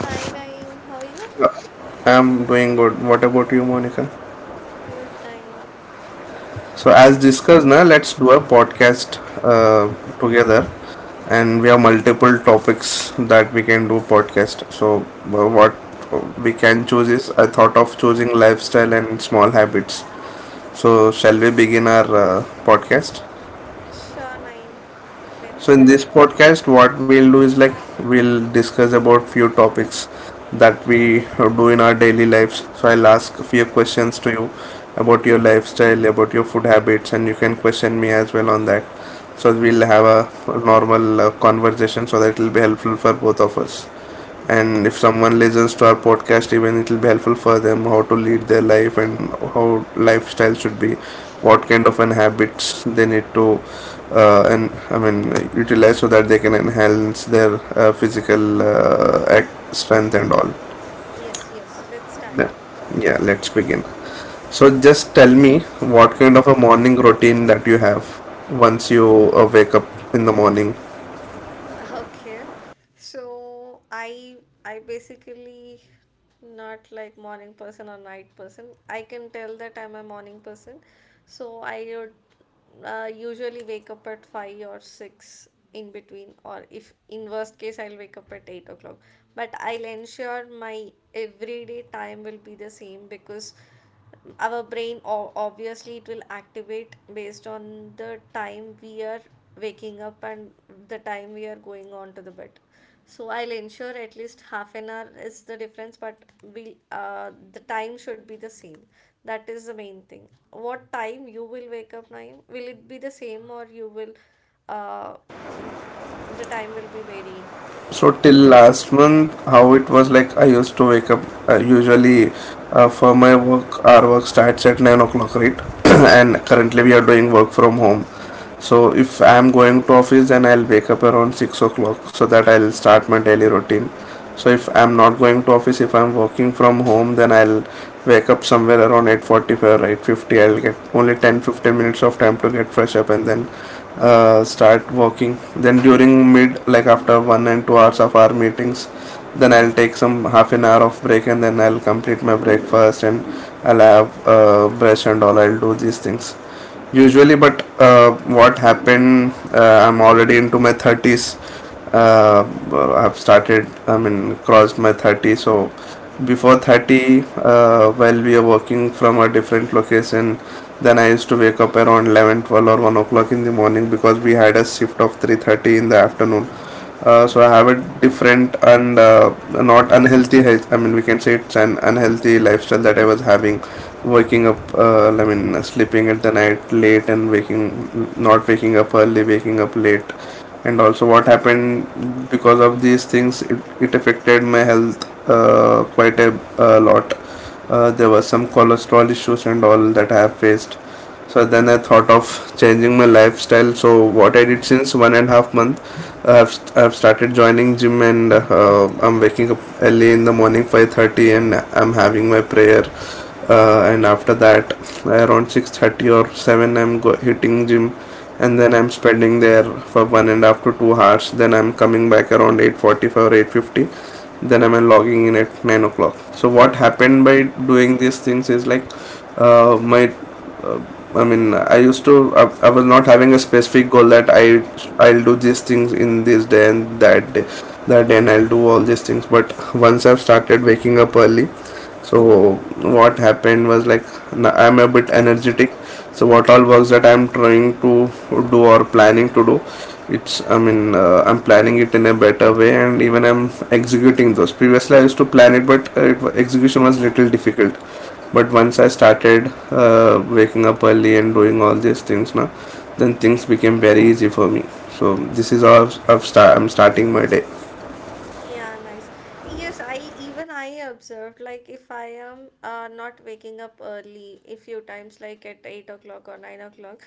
Hi Naeem, how are you? I'm doing good. What about you, Monica? Good Naeem. So, as discussed, now let's do a podcast uh, together, and we have multiple topics that we can do podcast. So, what we can choose is I thought of choosing lifestyle and small habits. So, shall we begin our podcast? Sure Naeem, let's So in start. this podcast what we'll do is like we'll discuss about few topics that we do in our daily lives. So I'll ask a few questions to you about your lifestyle, about your food habits, and you can question me as well on that. So we'll have a normal conversation so that it will be helpful for both of us, and if someone listens to our podcast even it will be helpful for them, how to lead their life and how lifestyle should be, what kind of an habits they need to and I mean utilize so that they can enhance their physical strength and all. Yes, yes, let's Yeah. start. Yeah, let's begin. So just tell me, what kind of a morning routine that you have once you wake up in the morning? Okay. So I I basically not like morning person or night person. I can tell that I'm a morning person. So I would usually wake up at 5 or 6 in between, or if in worst case I'll wake up at 8 o'clock. But I'll ensure my everyday time will be the same, because our brain obviously it will activate based on the time we are waking up and the time we are going on to the bed. So I'll ensure at least half an hour is the difference, but we the time should be the same. That is the main thing. What time you will wake up, Naeem? Will it be the same, or you will uh, the time will be varying? So till last month, how it was like I used to wake up usually for my work. Our work starts at 9 o'clock, right? And currently we are doing work from home. So if I am going to office, then I'll wake up around 6 o'clock so that I'll start my daily routine. So if I'm not going to office, if I'm working from home, then I'll wake up somewhere around 8:45 or 8:50. I'll get only 10-15 minutes of time to get fresh up and then start working. Then during mid, like after 1 and 2 hours of our meetings, then I'll take some half an hour of break and then I'll complete my breakfast, and I'll have brush and all, I'll do these things usually. But what happened, I'm already into my 30s. uh, I've started, I mean crossed my 30. So before 30, while we are working from a different location, then I used to wake up around 11:12 or 1 o'clock in the morning because we had a shift of 3:30 in the afternoon. So I have a different and not unhealthy, I mean we can say it's an unhealthy lifestyle that I was having, waking up, I mean sleeping at the night late and waking, not waking up early, waking up late. And also what happened, because of these things it affected my health a lot. There were some cholesterol issues and all that I have faced. So then I thought of changing my lifestyle. So what I did since one and a half month, I have started joining gym and I'm waking up early in the morning 5:30 and I'm having my prayer and after that around 6:30 or 7 hitting gym. And then I'm spending there for one and a half to 2 hours, then I'm coming back around 8:45 or 8:50, then I'm logging in at 9 o'clock. So what happened by doing these things is like my uh, I mean, I used to. I was not having a specific goal that I'll do these things in this day and that day, and I'll do all these things. But once I've started waking up early, so what happened was like I'm a bit energetic. So what all works that I'm trying to do or planning to do, it's I mean I'm planning it in a better way, and even I'm executing those. Previously I used to plan it, but execution was little difficult. But once I started waking up early and doing all these things now, then things became very easy for me. So this is how I'm starting my day. Yeah, nice. Yes, I even I observed like if I am not waking up early a few times like at 8 o'clock or 9 o'clock,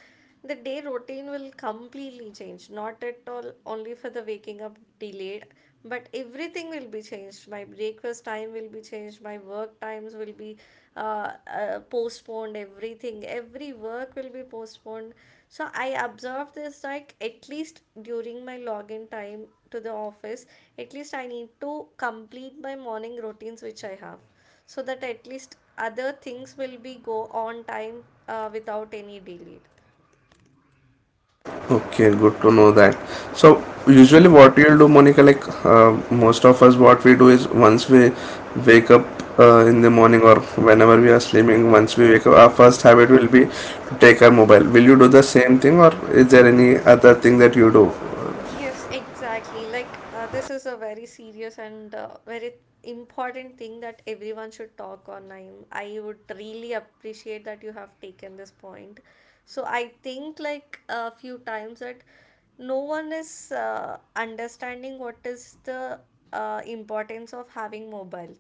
the day routine will completely change. Not at all only for the waking up delayed, but everything will be changed. My breakfast time will be changed. My work times will be postponed. Everything, every work will be postponed. So I observed this like at least during my login time to the office, at least I need to complete my morning routines which I have, so that at least other things will be go on time without any delay. Okay, good to know that. So usually what you'll do, Monica, like most of us, what we do is once we wake up in the morning, or whenever we are sleeping, once we wake up, our first habit will be to take our mobile. Will you do the same thing, or is there any other thing that you do? Yes, exactly. Like, this is a very serious and very important thing that everyone should talk on. I would really appreciate that you have taken this point. So, I think like a few times that no one is understanding what is the importance of having mobile.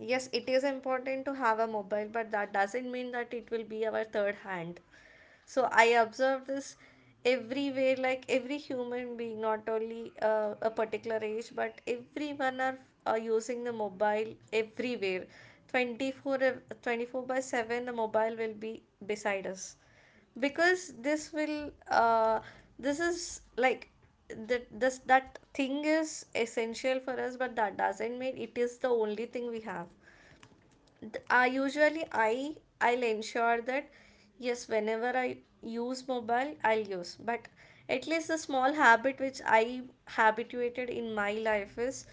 Yes, it is important to have a mobile, but that doesn't mean that it will be our third hand. So I observe this everywhere, like every human being, not only a particular age, but everyone are using the mobile everywhere, 24 24 by 7. The mobile will be beside us because this will this is like that this, that thing is essential for us, but that doesn't mean it is the only thing we have. I usually I I'll ensure that yes, whenever I use mobile, I'll use. But at least the small habit which I habituated in my life is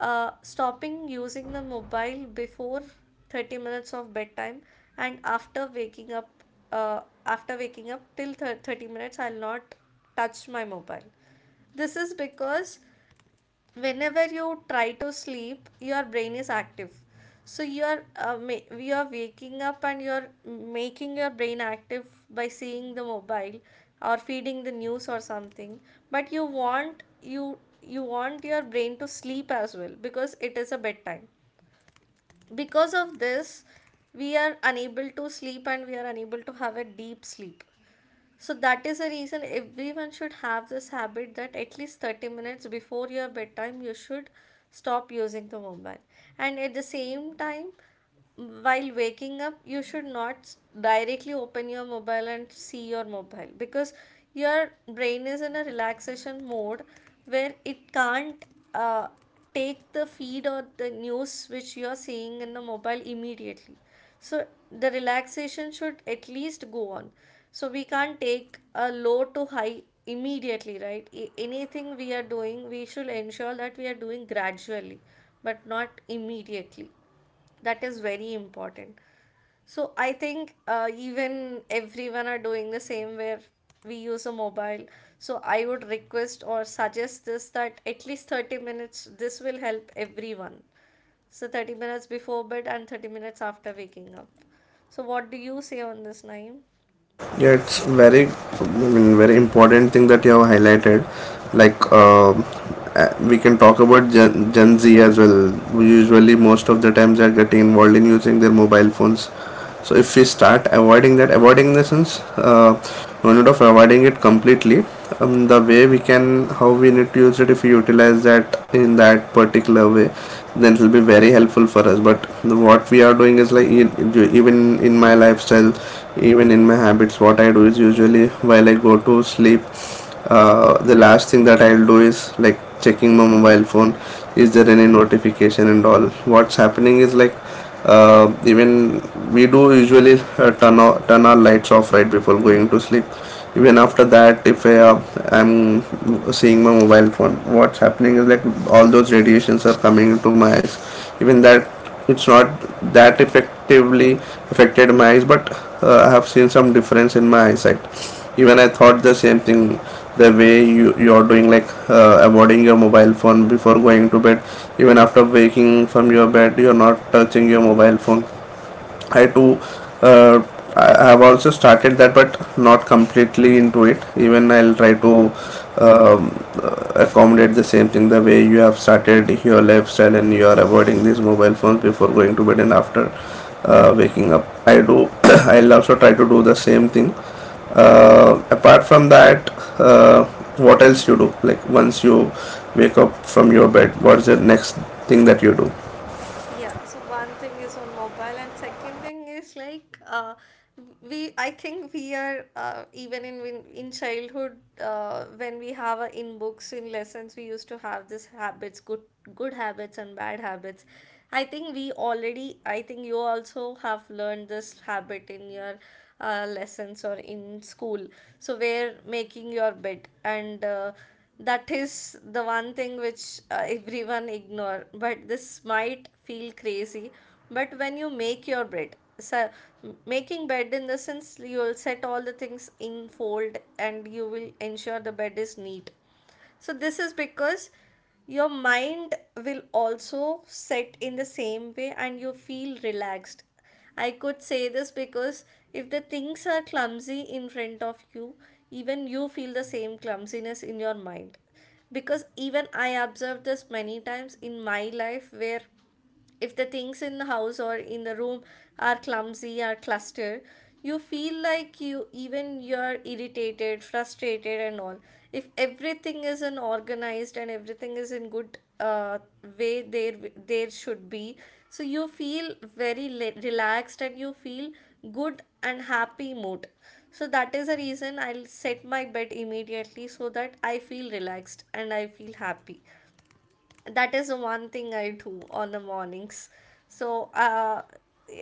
stopping using the mobile before 30 minutes of bedtime and after waking up, uh, after waking up till 30 minutes I'll not touch my mobile. This is because whenever you try to sleep, your brain is active. So you are you are waking up and you are making your brain active by seeing the mobile or feeding the news or something, but you want your brain to sleep as well because it is a bedtime. Because of this, we are unable to sleep and we are unable to have a deep sleep. So that is the reason everyone should have this habit that at least 30 minutes before your bedtime you should stop using the mobile. And at the same time, while waking up you should not directly open your mobile and see your mobile because your brain is in a relaxation mode where it can't uh, take the feed or the news which you are seeing in the mobile immediately. So the relaxation should at least go on, so we can't take a low to high immediately, right? Anything we are doing we should ensure that we are doing gradually but not immediately. That is very important. So I think even everyone are doing the same where we use a mobile. So I would request or suggest this that at least 30 minutes, this will help everyone. So 30 minutes before bed and 30 minutes after waking up. So what do you say on this, Naeem? Yeah, it's very, I mean, very important thing that you have highlighted. Like we can talk about gen z as well. Usually most of the times they are getting involved in using their mobile phones. So if we start avoiding that, avoiding in the sense, no need of avoiding it completely. The way we can, how we need to use it, if we utilize that in that particular way, then it will be very helpful for us. But what we are doing is like, even in my lifestyle, even in my habits, what I do is usually while I go to sleep, the last thing that I'll do is like checking my mobile phone, is there any notification and all. What's happening is like, even we do usually turn our lights off right before going to sleep. Even after that, if I'm seeing my mobile phone, what's happening is like all those radiations are coming into my eyes. Even that, it's not that effectively affected my eyes, but I have seen some difference in my eyesight. Even I thought the same thing, the way you are doing, like avoiding your mobile phone before going to bed, even after waking from your bed you are not touching your mobile phone. I too, uh, I have also started that, but not completely into it. Even I'll try to um, accommodate the same thing, the way you have started your lifestyle and you are avoiding these mobile phones before going to bed and after waking up I do. I'll also try to do the same thing. Apart from that, uh, what else you do, like once you wake up from your bed, what is the next thing that you do? Yeah, so one thing is on mobile, and second thing is like we. I think we are even in childhood when we have a, in books in lessons we used to have this habits, good habits and bad habits. I think we already. I think you also have learned this habit in your lessons or in school. So we're making your bed, and. That is the one thing which everyone ignore, but this might feel crazy. But when you make your bed, so making bed in the sense, you'll set all the things in fold and you will ensure the bed is neat. So, this is because your mind will also set in the same way and you feel relaxed. I could say this because if the things are clumsy in front of you, even you feel the same clumsiness in your mind. Because even I observed this many times in my life, where if the things in the house or in the room are clumsy or clustered, you feel like you're irritated, frustrated and all. If everything is in organized and everything is in good way there, there should be so you feel very relaxed and you feel good and happy mood. So that is the reason I'll set my bed immediately so that I feel relaxed and I feel happy. That is the one thing I do on the mornings. So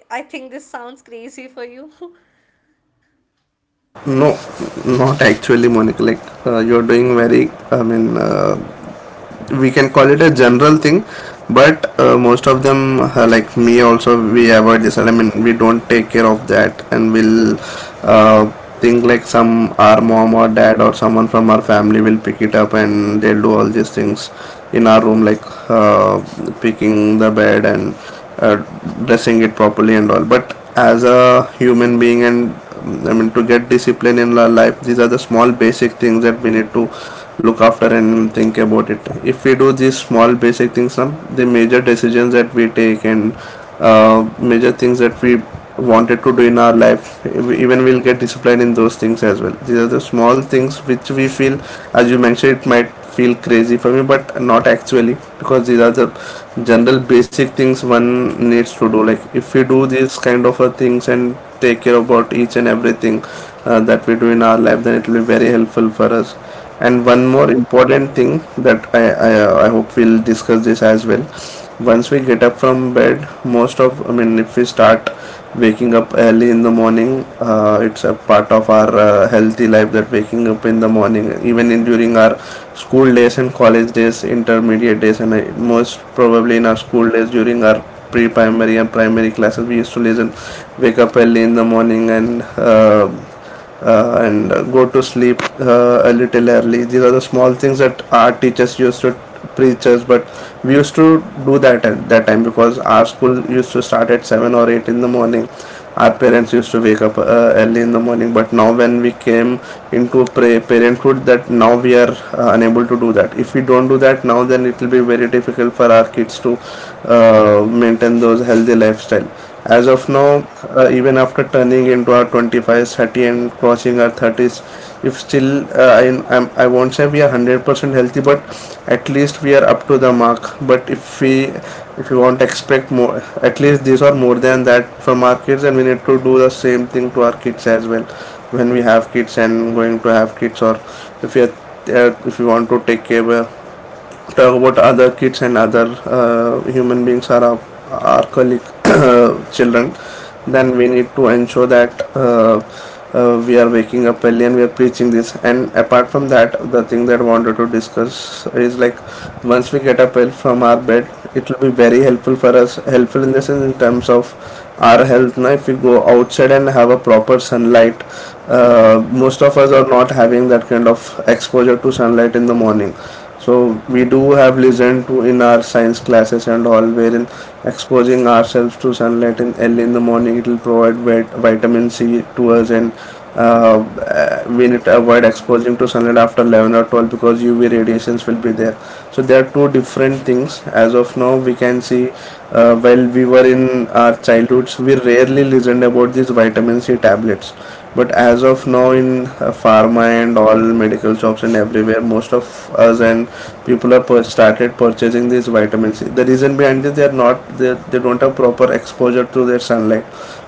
I think this sounds crazy for you. No, not actually, Monica. Like you're doing very, I mean, we can call it a general thing. But most of them, like me also, we avoid this, I mean we don't take care of that, and we'll uh, think like some, our mom or dad or someone from our family will pick it up and they'll do all these things in our room, like uh, picking the bed and uh, dressing it properly and all. But as a human being, and I mean to get discipline in our life, these are the small basic things that we need to look after and think about it. If we do these small basic things now, the major decisions that we take and major things that we wanted to do in our life, even we'll get disciplined in those things as well. These are the small things which we feel, as you mentioned, it might feel crazy for me, but not actually, because these are the general basic things one needs to do. Like if we do these kind of things and take care about each and everything that we do in our life, then it will be very helpful for us. And one more important thing that I hope we'll discuss this as well. Once we get up from bed, most of, I mean, if we start waking up early in the morning, it's a part of our healthy life, that waking up in the morning. Even in during our school days and college days, intermediate days, and most probably in our school days during our pre-primary and primary classes, we used to listen, wake up early in the morning and and go to sleep a little early. These are the small things that our teachers used to preach us, but we used to do that at that time because our school used to start at 7 or 8 in the morning. Our parents used to wake up early in the morning, but now when we came into parenthood, that now we are unable to do that. If we don't do that now, then it will be very difficult for our kids to maintain those healthy lifestyle. As of now, even after turning into our 25s, 30 and crossing our 30s, if still I'm, I won't say we are 100% healthy, but at least we are up to the mark. But if we want to expect more, at least these are more than that from our kids, and we need to do the same thing to our kids as well when we have kids and going to have kids, or if we are if we want to take care of talk about other kids and other human beings are our colleague children, then we need to ensure that we are waking up early and we are preaching this. And apart from that, the thing that I wanted to discuss is like, once we get up early from our bed, it will be very helpful for us, helpful in the sense in terms of our health. Now if we go outside and have a proper sunlight, most of us are not having that kind of exposure to sunlight in the morning. So we do have listened to in our science classes and all, wherein exposing ourselves to sunlight in early in the morning, it will provide vitamin C to us. And we need to avoid exposing to sunlight after 11 or 12 because UV radiations will be there. So there are two different things as of now we can see. While we were in our childhoods, we rarely listened about these vitamin C tablets, but as of now, in pharma and all medical shops and everywhere, most of us and people are started purchasing these vitamin C. The reason behind this, they are not, they don't have proper exposure to their sunlight.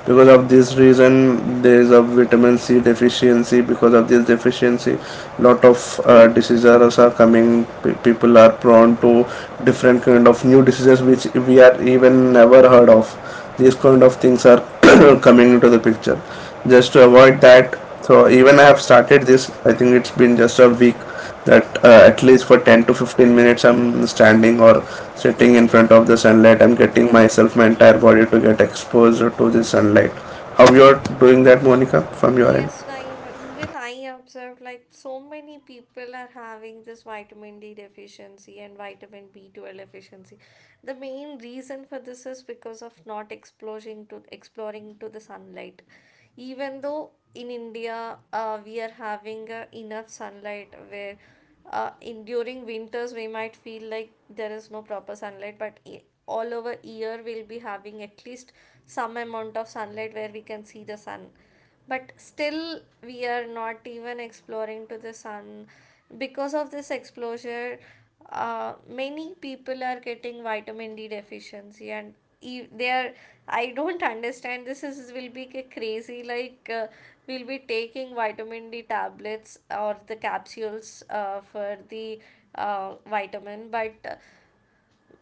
Because of this reason, there is a vitamin C deficiency. Because of this deficiency, lot of diseases are coming. People are prone to different kind of new diseases which we are even never heard of. These kind of things are coming into the picture just to avoid that. So even I have started this. I think it's been just a week that at least for 10 to 15 minutes I'm standing or sitting in front of the sunlight. I'm getting myself, my entire body, to get exposed to the sunlight. How you're doing that, Monica, from your end? Yes, even I observed like so many people are having this vitamin D deficiency and vitamin B12 deficiency. The main reason for this is because of not exposing to exploring to the sunlight. Even though in India, we are having enough sunlight where in during winters we might feel like there is no proper sunlight, but all over year we'll be having at least some amount of sunlight where we can see the sun. But still we are not even exploring to the sun. Because of this exposure, many people are getting vitamin D deficiency and they are, I don't understand this is will be crazy like, we'll be taking vitamin D tablets or the capsules for the vitamin, but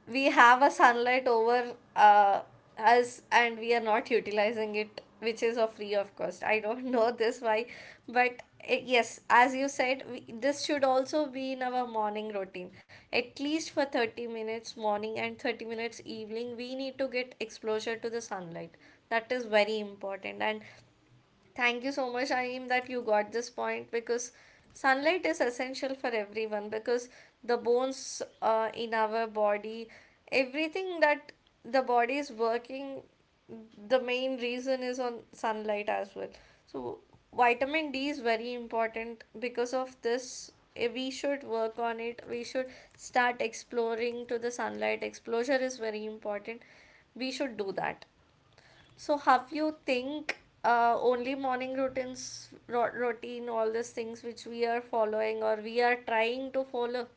we have a sunlight over us and we are not utilizing it, which is a free of cost. I don't know this why. But yes, as you said, we, this should also be in our morning routine, at least for 30 minutes morning and 30 minutes evening we need to get exposure to the sunlight. That is very important. And thank you so much, Aim, that you got this point, because sunlight is essential for everyone, because the bones in our body, everything that the body is working, the main reason is on sunlight as well. So, vitamin D is very important because of this. We should work on it. We should start exploring to the sunlight. Exposure is very important. We should do that. So have you think only morning routines, routine, all these things which we are following or we are trying to follow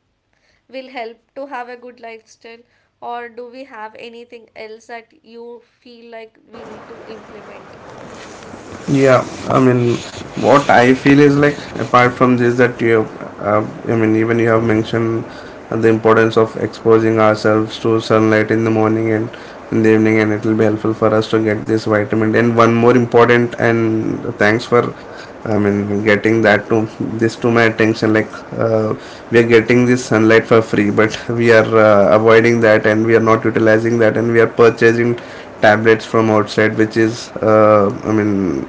will help to have a good lifestyle, or do we have anything else that you feel like we need to implement? Yeah, I mean, what I feel is like apart from this that you have, I mean, even you have mentioned the importance of exposing ourselves to sunlight in the morning and in the evening, and it will be helpful for us to get this vitamin. D. And one more important, and thanks for, I mean, getting that to this to my attention. Like we are getting this sunlight for free, but we are avoiding that, and we are not utilizing that, and we are purchasing tablets from outside, which is I mean,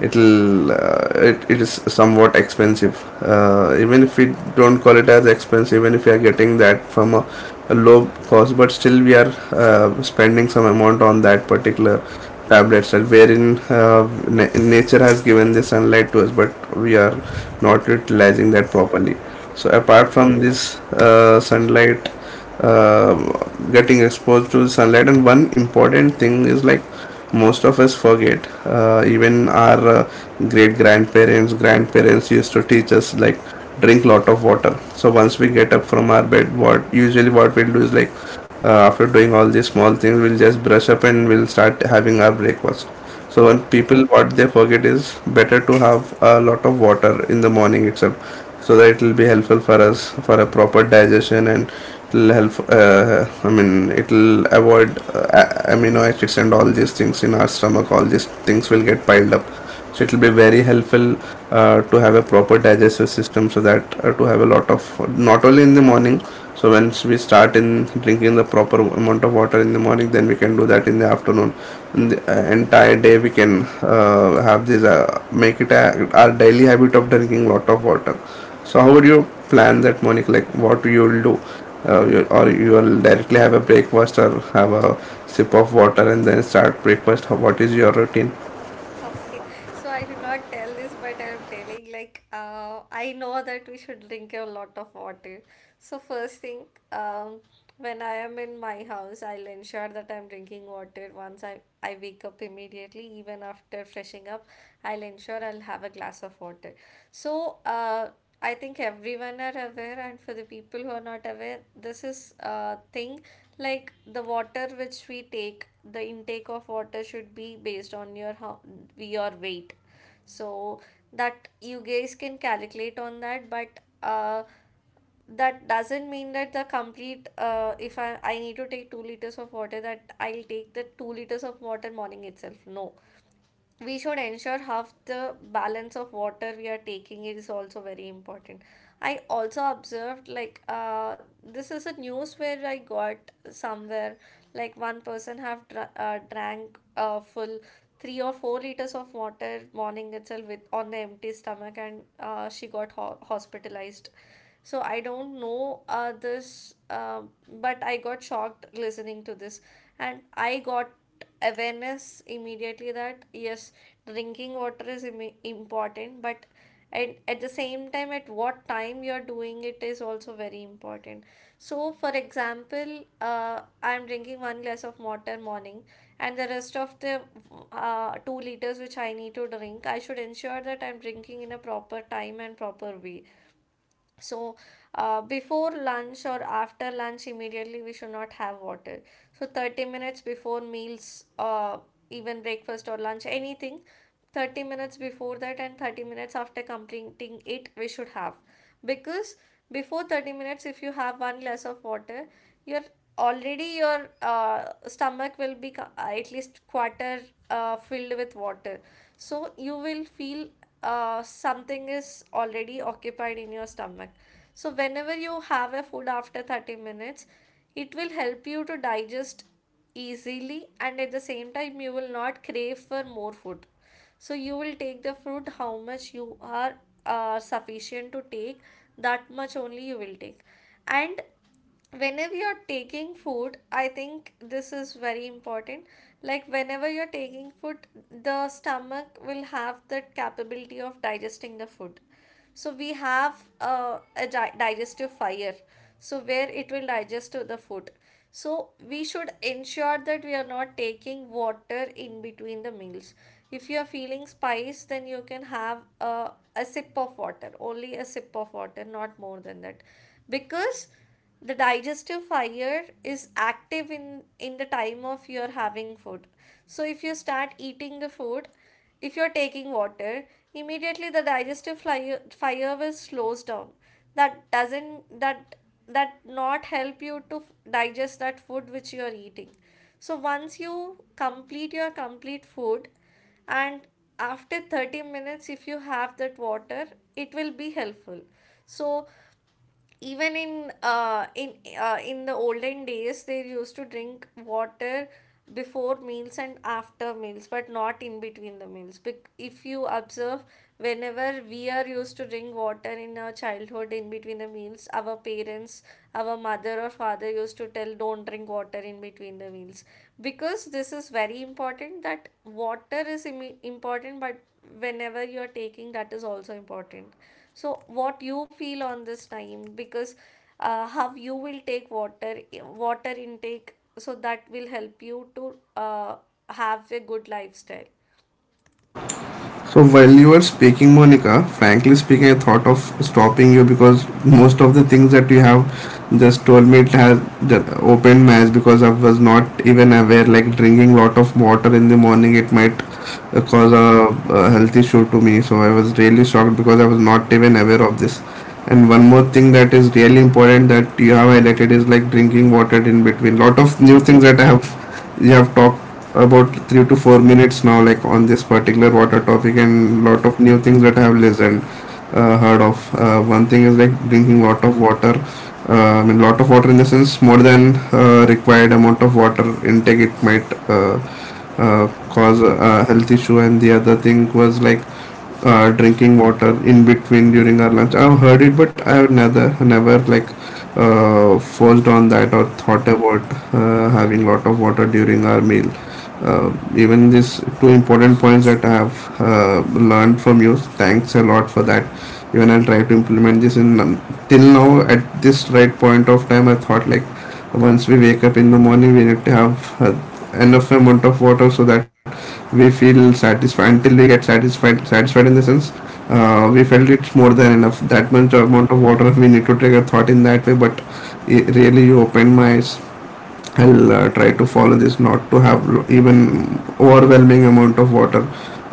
it'll it is somewhat expensive. Even if we don't call it as expensive, even if we are getting that from a low cost, but still we are spending some amount on that particular tablet itself, wherein nature has given the sunlight to us, but we are not utilizing that Yes, properly. So yes. apart from this sunlight, uh, getting exposed to sunlight, and one important thing is like, most of us forget even our great grandparents, grandparents used to teach us like, drink lot of water. So once we get up from our bed, what usually what we'll do is like, after doing all these small things, we'll just brush up and we'll start having our breakfast. So when people, what they forget is, better to have a lot of water in the morning itself so that it will be helpful for us for a proper digestion. And it'll help I mean, it'll avoid amino acids and all these things in our stomach. All these things will get piled up, so it will be very helpful to have a proper digestive system. So that to have a lot of, not only in the morning. So once we start in drinking the proper amount of water in the morning, then we can do that in the afternoon. In the entire day, we can have this make it a, our daily habit of drinking lot of water. So how would you plan that morning, like what you will do? Or you will directly have a breakfast, or have a sip of water and then start breakfast? What is your routine? Okay, so I did not tell this, but I am telling like, I know that we should drink a lot of water. So first thing, um, when I am in my house, I'll ensure that I'm drinking water. Once I wake up immediately, even after freshing up, I'll ensure I'll have a glass of water. So I think everyone are aware, and for the people who are not aware, this is a thing, like the water which we take, the intake of water should be based on your how, your weight. So that you guys can calculate on that, but that doesn't mean that the complete if I need to take 2 liters of water that I'll take the 2 liters of water morning itself. No, we should ensure half the balance of water we are taking is also very important. I also observed, this is a news where I got somewhere, like one person have drank full 3 or 4 liters of water morning itself with on the empty stomach, and she got hospitalized. So I don't know but I got shocked listening to this, and I got awareness immediately that yes, drinking water is important, but and at the same time at what time you're doing it is also very important. So for example, I'm drinking one glass of water morning, and the rest of the 2 liters which I need to drink, I should ensure that I'm drinking in a proper time and proper way. So before lunch or after lunch immediately we should not have water. So 30 minutes before meals, even breakfast or lunch anything, 30 minutes before that and 30 minutes after completing it we should have. Because before 30 minutes if you have one glass of water, your already your stomach will be at least quarter filled with water. So you will feel something is already occupied in your stomach. So whenever you have a food after 30 minutes, it will help you to digest easily, and at the same time, you will not crave for more food. So you will take the food how much you are sufficient to take, that much only you will take. And whenever you're taking food, I think this is very important. Like whenever you're taking food, the stomach will have the capability of digesting the food. So we have a digestive fire, so where it will digest to the food. So we should ensure that we are not taking water in between the meals. If you are feeling spice, then you can have a sip of water, only a sip of water, not more than that. Because the digestive fire is active in the time of you're having food. So if you start eating the food, if you're taking water immediately, the digestive fire will slows down. That doesn't that that not help you to digest that food which you're eating. So once you complete your complete food, and after 30 minutes if you have that water, it will be helpful. So even in in the olden days they used to drink water before meals and after meals, but not in between the meals. If you observe, whenever we are used to drink water in our childhood in between the meals, our parents, our mother or father used to tell, don't drink water in between the meals, because this is very important that water is important, but whenever you are taking, that is also important. So what you feel on this time? Because how you will take water, water intake, so that will help you to have a good lifestyle. So while you were speaking, Monica, frankly speaking, I thought of stopping you, because most of the things that you have just told me, it has the opened my eyes, because I was not even aware. Like, drinking lot of water in the morning, it might cause a health issue to me. So I was really shocked because I was not even aware of this. And one more thing that is really important that you have highlighted is like drinking water in between. Lot of new things that I have, you have talked about 3 to 4 minutes now, like on this particular water topic, and lot of new things that I have listened, heard of. One thing is like drinking lot of water. I mean, lot of water in the sense more than required amount of water intake. It might uh, cause a health issue. And the other thing was like drinking water in between during our lunch. I've heard it, but I've never like forced on that or thought about having lot of water during our meal. Uh, Even these two important points that I have learned from you. Thanks a lot for that. Even I'll try to implement this in till now. At this right point of time, I thought like, once we wake up in the morning, we need to have enough amount of water so that we feel satisfied, until we get satisfied, satisfied in the sense we felt it's more than enough, that much amount of water we need to take. A thought in that way. But it really, you opened my eyes. I will try to follow this, not to have even overwhelming amount of water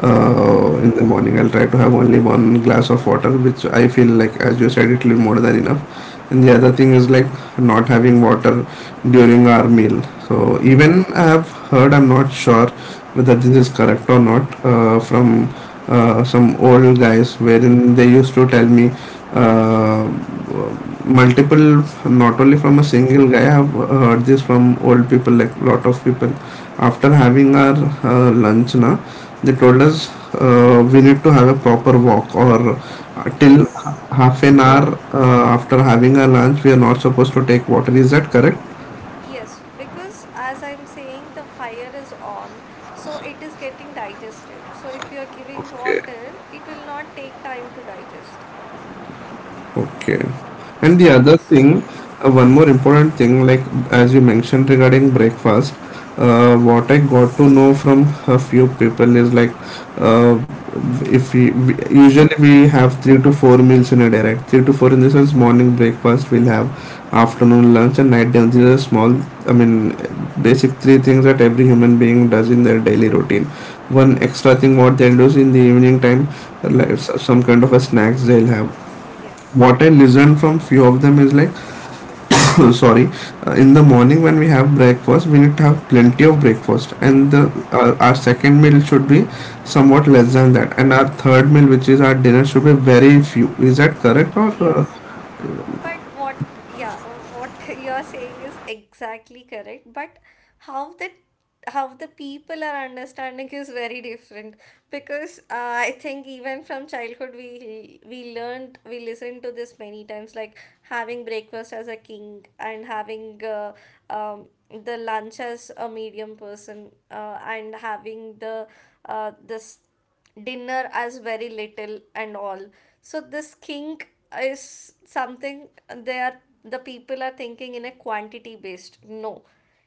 in the morning. I'll try to have only one glass of water, which I feel like, as you said, it will be more than enough. And the other thing is like, not having water during our meal. So even I have heard, I'm not sure whether this is correct or not, from some old guys wherein they used to tell me, uh, multiple, not only from a single guy. I've heard this from old people, like lot of people, after having our lunch na, they told us we need to have a proper walk, or till Yes. half an hour after having our lunch, we are not supposed to take water. Is that correct? Yes, because as I'm saying, the fire is on, so it is getting digested. So if you're giving Okay. water, it will not take time to digest. Okay. So And the that other thing, is, one more important thing, like as you mentioned regarding breakfast, what I got to know from a few people is like, uh, if we usually we have three to four meals in a day, right? Three to four, in this sense, morning breakfast we'll have, afternoon lunch, and night dinner. These are small, I mean, basic three things that every human being does in their daily routine. One extra thing what they'll do is in the evening time, like some kind of a snacks they'll have. yes. What I listened from few of them is like, sorry, in the morning when we have breakfast, we need to have plenty of breakfast, and our second meal should be somewhat less than that, and our third meal, which is our dinner, should be very few. Is that correct, or Yes, yes. But what, yeah, what you're saying is exactly correct. But how the how the people are understanding is very different. Because I think even from childhood we learned, we listened to this many times, like having breakfast as a king, and having um, the lunch as a medium person, and having the this dinner as very little and all. So this king is something they are, the people are thinking in a quantity based. No,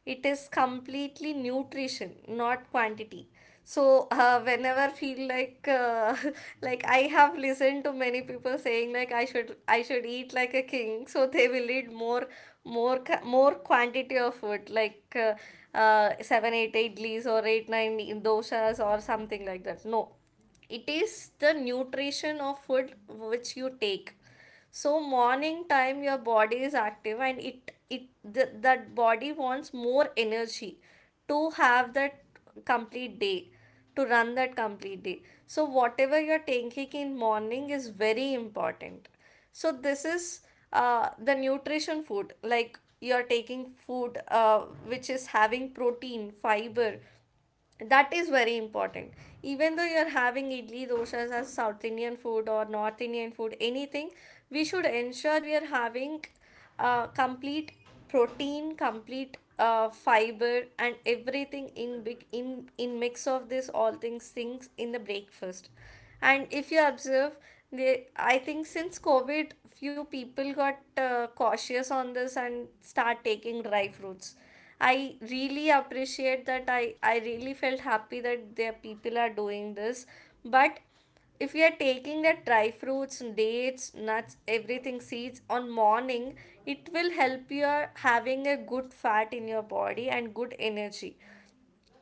it is completely nutrition, not quantity. So whenever feel like like I have listened to many people saying like I should eat like a king, so they will eat more, more quantity of food like 7, 8 idlis or 8, 9 doshas or something like that. No, it is the nutrition of food which you take. So morning time your body is active, and that body wants more energy to have that complete day, to run that complete day. So whatever you're taking in morning is very important. So this is the nutrition food, like you're taking food which is having protein, fiber, that is very important. Even though you're having idli doshas as South Indian food or North Indian food, anything, we should ensure we are having complete protein, complete fiber, and everything in big, in mix of this all things in the breakfast. And if you observe, they, I think since COVID, few people got cautious on this and start taking dry fruits. I really appreciate that. I really felt happy that their people are doing this. But if we are taking the dry fruits, dates, nuts, everything, seeds on morning, it will help, you are having a good fat in your body and good energy.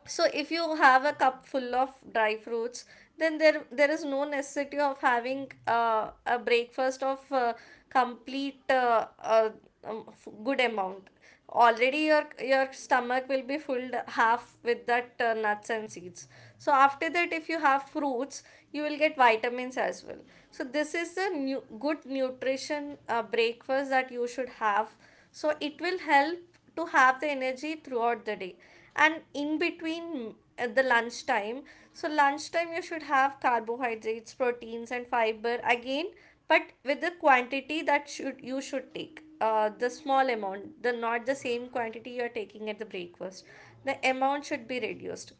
So if you have a cup full of dry fruits, then there is no necessity of having a breakfast of complete good amount, already your stomach will be filled half with that nuts and seeds. So after that if you have fruits, you will get vitamins as well. So this is the new good nutrition breakfast that you should have. So it will help to have the energy throughout the day. And in between the lunchtime, so lunchtime you should have carbohydrates, proteins, and fiber again. But with the quantity, that should you should take the small amount, the not the same quantity you are taking at the breakfast, the amount should be reduced.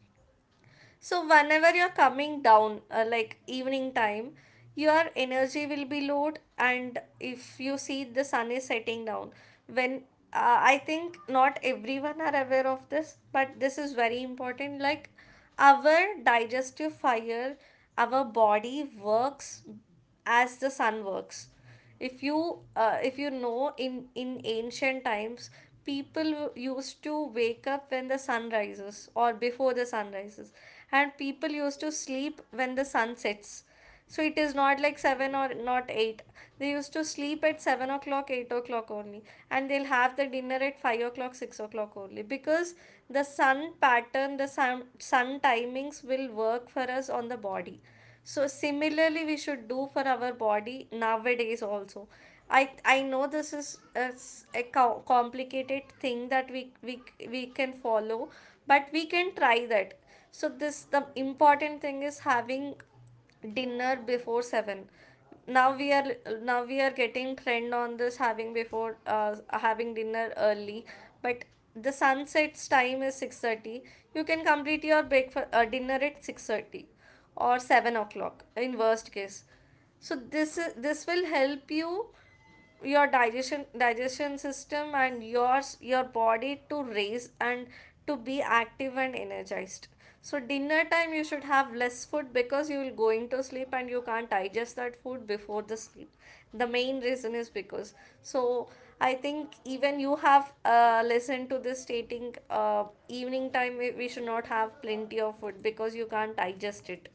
So whenever you're coming down, like evening time, your energy will be lowered. And if you see, the sun is setting down, when I think not everyone are aware of this, but this is very important. Like our digestive fire, our body works as the sun works. If you if you know, in ancient times people used to wake up when the sun rises or before the sun rises, and people used to sleep when the sun sets. So it is not like 7 or not 8, they used to sleep at 7 o'clock 8 o'clock only, and they'll have the dinner at 5 o'clock 6 o'clock only. Because the sun pattern, the sun timings will work for us on the body. So similarly, we should do for our body nowadays also. I know this is a, complicated thing that we can follow, but we can try that. So this, the important thing is having dinner before 7. Now we are, now we are getting trend on this, having before having dinner early. But the sunset's time is 6:30, you can complete your breakfast dinner at 6:30 or 7 o'clock in worst case. So this is, this will help you, your digestion system, and yours your body to raise and to be active and energized. So dinner time you should have less food, because you will going to sleep and you can't digest that food before the sleep. The main reason is because, so I think even you have listened to this stating, evening time we should not have plenty of food, because you can't digest it.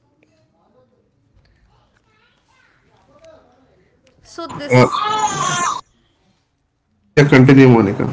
So this, uh, yeah. yeah, continue, Monica.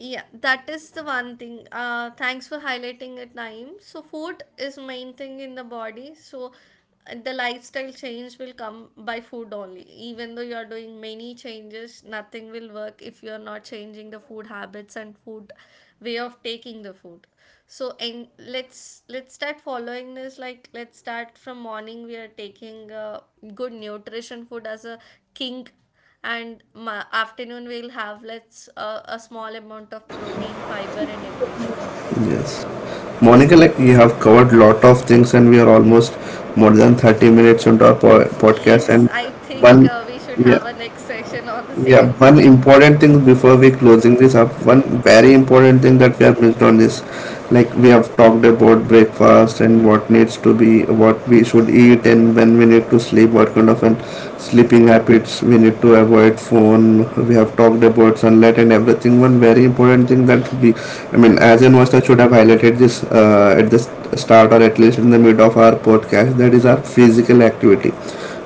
Yeah, that is the one thing. Thanks for highlighting it, Naeem. So food is main thing in the body. So the lifestyle change will come by food only. Even though you are doing many changes, nothing will work if you are not changing the food habits and food way of taking the food. So, and let's start following this. Like let's start from morning. We are taking good nutrition food as a king, and afternoon we'll have, let's a small amount of protein, fiber, and everything. Yes, Monica, like you have covered lot of things and we are almost more than 30 minutes into our podcast Yes, and I think one, we should have yeah. a next session on the Yeah, same one thing. important thing before we closing this up, one very important thing that we have missed on, is like, we have talked about breakfast and what needs to be, what we should eat and when we need to sleep, what kind of an sleeping habits we need to avoid phone. We have talked about sunlight and everything. One very important thing that we, I mean, as investors, should have highlighted this at the start or at least in the mid of our podcast, that is our physical activity.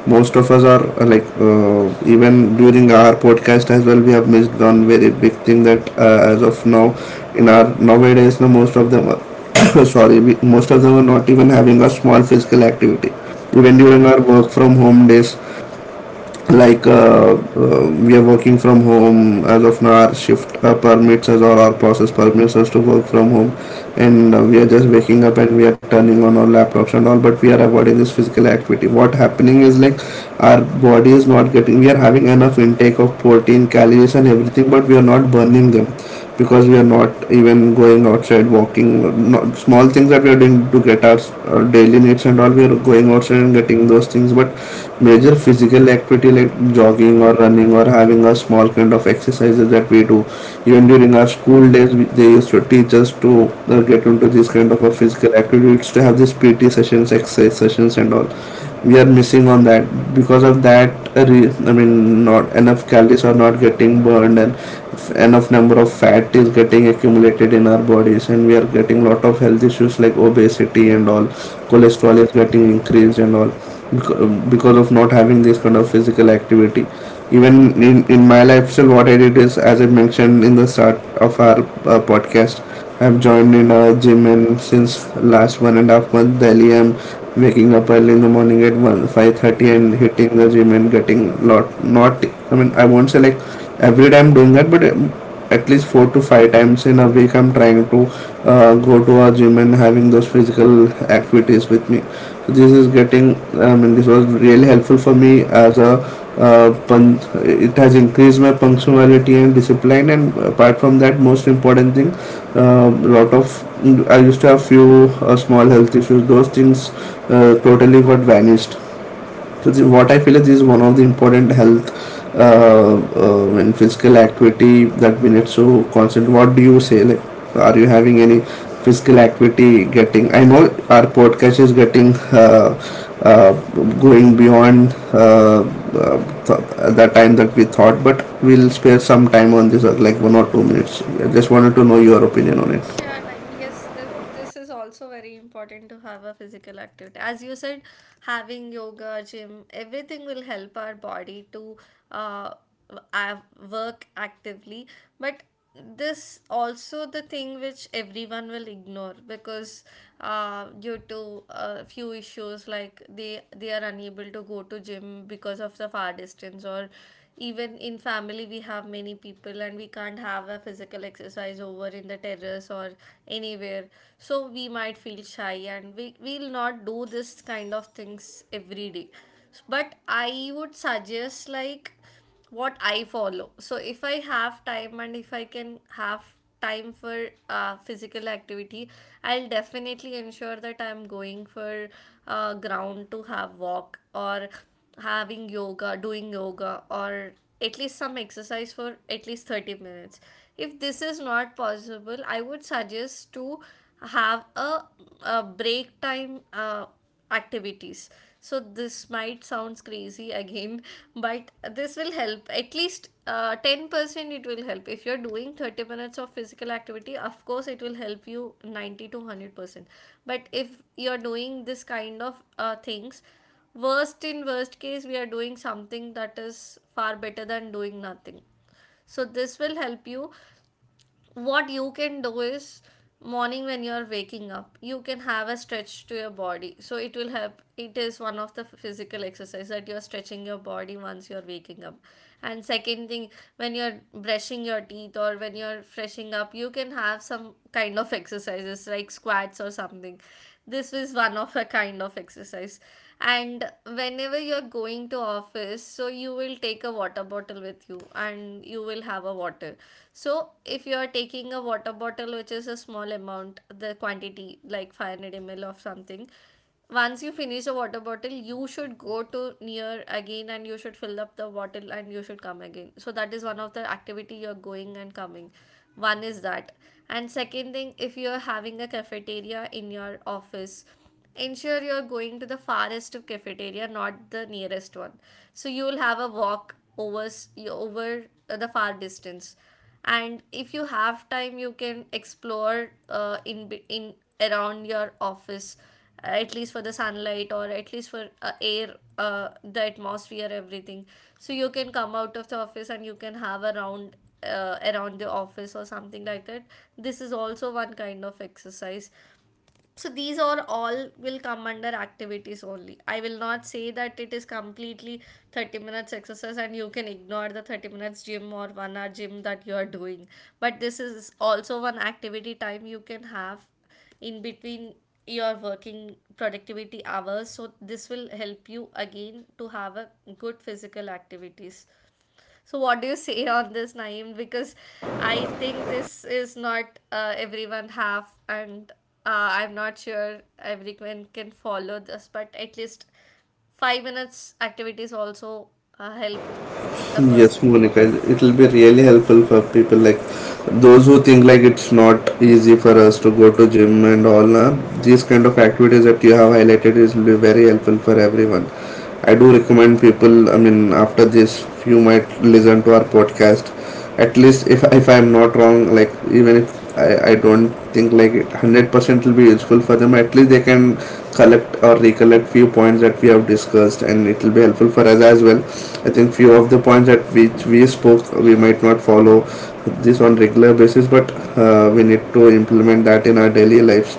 Most of us are even during our podcast as well, we have missed one very big thing, that as of now in our nowadays now, most of them are sorry, most of them are not even having a small physical activity, even during our work from home days. Like, we are working from home. As of now, our shift permits us, or our process permits us to work from home, and we are just waking up and we are turning on our laptops and all, but we are avoiding this physical activity. What happening is, like, our body is not getting, we are having enough intake of protein, calories and everything, but we are not burning them, because we are not even going outside walking. Not, small things that we are doing to get our daily needs and all, we are going outside and getting those things, but major physical activity like jogging or running or having a small kind of exercises that we do even during our school days, they used to teach us to get into this kind of a physical activity. We used to have these pt sessions, exercise sessions and all. We are missing on that. Because of that, uh, I mean, not enough calories are not getting burned, and enough number of fat is getting accumulated in our bodies, and we are getting lot of health issues like obesity and all, cholesterol is getting increased and all, because of not having this kind of physical activity. Even in my lifestyle, what I did is, as I mentioned in the start of our podcast, I've joined in a gym, and since last 1.5 month, daily I'm waking up early in the morning at 1 5:30 and hitting the gym and getting lot. Not, I mean, I won't say like every day I'm doing that, but at least four to five times in a week I'm trying to go to a gym and having those physical activities with me. So this is getting, I mean, this was really helpful for me as a it has increased my punctuality and discipline, and apart from that, most important thing, lot of, I used to have few small health issues, those things totally got vanished. So what I feel is, this is one of the important health and physical activity that we need to concentrate. What do you say? Like, are you having any physical activity getting? I know our podcast is getting uh, going beyond uh, the time that we thought, but we'll spare some time on this, like 1 or 2 minutes. I just wanted to know your opinion on it. Sure, Naeem. Yes, this is also very important to have a physical activity. As you said, having yoga, gym, everything will help our body to uh, work actively. But this also the thing which everyone will ignore. Because due to a few issues, like they are unable to go to gym because of the far distance, or even in family we have many people and we can't have a physical exercise over in the terrace or anywhere. So we might feel shy and we will not do this kind of things every day. But I would suggest like what I follow. So if I have time and if I can have time for physical activity, I'll definitely ensure that I'm going for ground to have walk, or having yoga, doing yoga, or at least some exercise for at least 30 minutes. If this is not possible, I would suggest to have a break time activities. So this might sounds crazy again, but this will help at least 10%. It will help. If you're doing 30 minutes of physical activity, of course it will help you 90 to 100%. But if you're doing this kind of things, worst in worst case, we are doing something that is far better than doing nothing. So this will help you. What you can do is morning when you're waking up, you can have a stretch to your body, so it will help. It is one of the physical exercise, that you're stretching your body once you're waking up. And second thing, when you're brushing your teeth or when you're freshing up, you can have some kind of exercises like squats or something. This is one of a kind of exercise. And whenever you're going to office, so you will take a water bottle with you and you will have a water. So if you are taking a water bottle which is a small amount, the quantity like 500 ml of something, once you finish the water bottle, you should go to near again and you should fill up the bottle and you should come again. So that is one of the activity, you're going and coming. One is that. And second thing, if you're having a cafeteria in your office, ensure you're going to the farthest of cafeteria, not the nearest one. So you'll have a walk over over the far distance. And if you have time, you can explore in around your office, at least for the sunlight or at least for air, the atmosphere, everything. So you can come out of the office and you can have a round around the office or something like that. This is also one kind of exercise. So these are all will come under activities only. I will not say that it is completely 30 minutes exercise and you can ignore the 30 minutes gym or 1 hour gym that you are doing. But this is also one activity time you can have in between your working productivity hours, so this will help you again to have a good physical activities. So, what do you say on this, Naeem? Because I think this is not everyone have, and I'm not sure everyone can follow this, but at least 5 minutes activities also help a person. Yes, Monica, it will be really helpful for people like those who think like it's not easy for us to go to gym and all. Nah? These kind of activities that you have highlighted is will be very helpful for everyone. I do recommend people. I mean, after this, you might listen to our podcast. At least if I'm not wrong, like, even if I don't think like it 100% will be useful for them, at least they can collect or recollect few points that we have discussed, and it will be helpful for us as well. I think few of the points that which we spoke, we might not follow this on regular basis, but we need to implement that in our daily lives,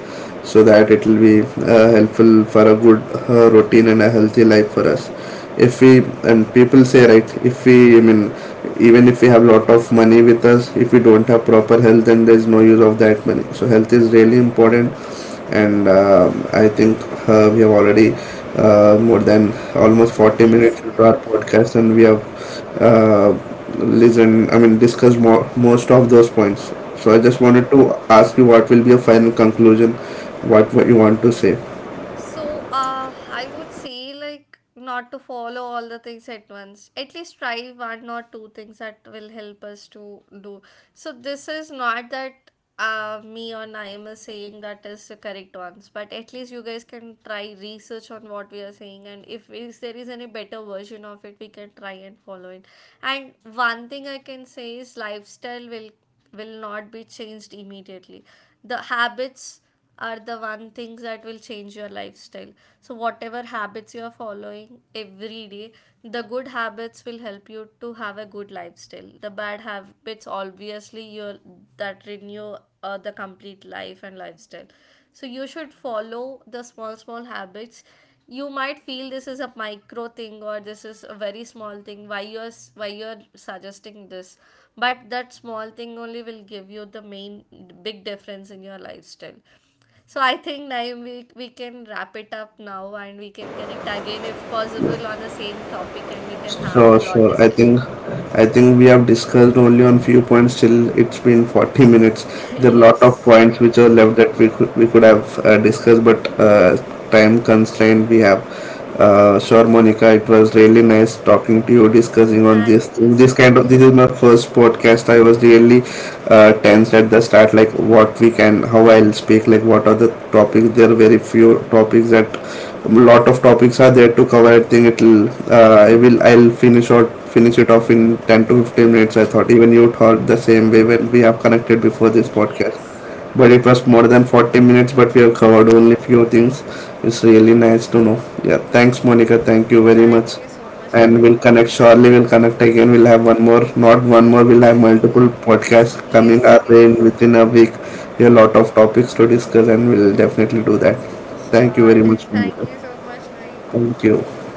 so that it will be helpful for a good routine and a healthy life for us. If we, and people say right, if we, I mean, even if we have lot of money with us, if we don't have proper health, then there's no use of that money. So health is really important. And I think we have already more than almost 40 Yes, minutes into yes. our podcast, and we have uh, listened, I mean, discussed more, most of those points. So I just wanted to ask you, what will be your final conclusion, what you want to say. So, I would say like not to follow all the things at once. At least try one or two things that will help us to do. So this is not that me or Naima is saying that is the correct ones, but at least you guys can try research on what we are saying, and if there is any better version of it, we can try and follow it. And one thing I can say is lifestyle will not be changed immediately. The habits are the one things that will change your lifestyle. So, whatever habits you are following every day, the good habits will help you to have a good lifestyle. The bad habits, obviously, you that renew the complete life and lifestyle. So, you should follow the small, small habits. You might feel this is a micro thing or this is a very small thing. Why you're why you're suggesting this? But that small thing only will give you the main big difference in your lifestyle. So I think Naeem, we can wrap it up now and we can connect again if possible on the same topic and we can have the Sure, lot sure. I discussion. think, I think we have discussed only on few points till it's been 40 minutes. There are a Yes. lot of points which are left that we could have discussed, but time constraint we have. Sure, Monica, it was really nice talking to you, discussing on Thank this. you so This kind much. of, this is my first podcast. I was really tense at the start, like what we can, how I'll speak, like what are the topics. There are very few topics, that a lot of topics are there to cover. I think it'll I'll finish out, finish it off in 10 to 15 minutes, I thought. Even you thought the same way when we have connected before this podcast, Yes. but Yes. it was more than 40 minutes, but we have covered only few things. It's really nice to know. Yeah, thanks Monica, thank you very Thank much. you so much, Naeem. And we'll connect shortly. We'll connect again, we'll have one more, not one more, we'll have multiple podcasts coming Yes. our way in within a week. A lot of topics to discuss, and we'll definitely do that. Yes. Thank you Sure. very much Thank Monica. you so much, Naeem. Thank you。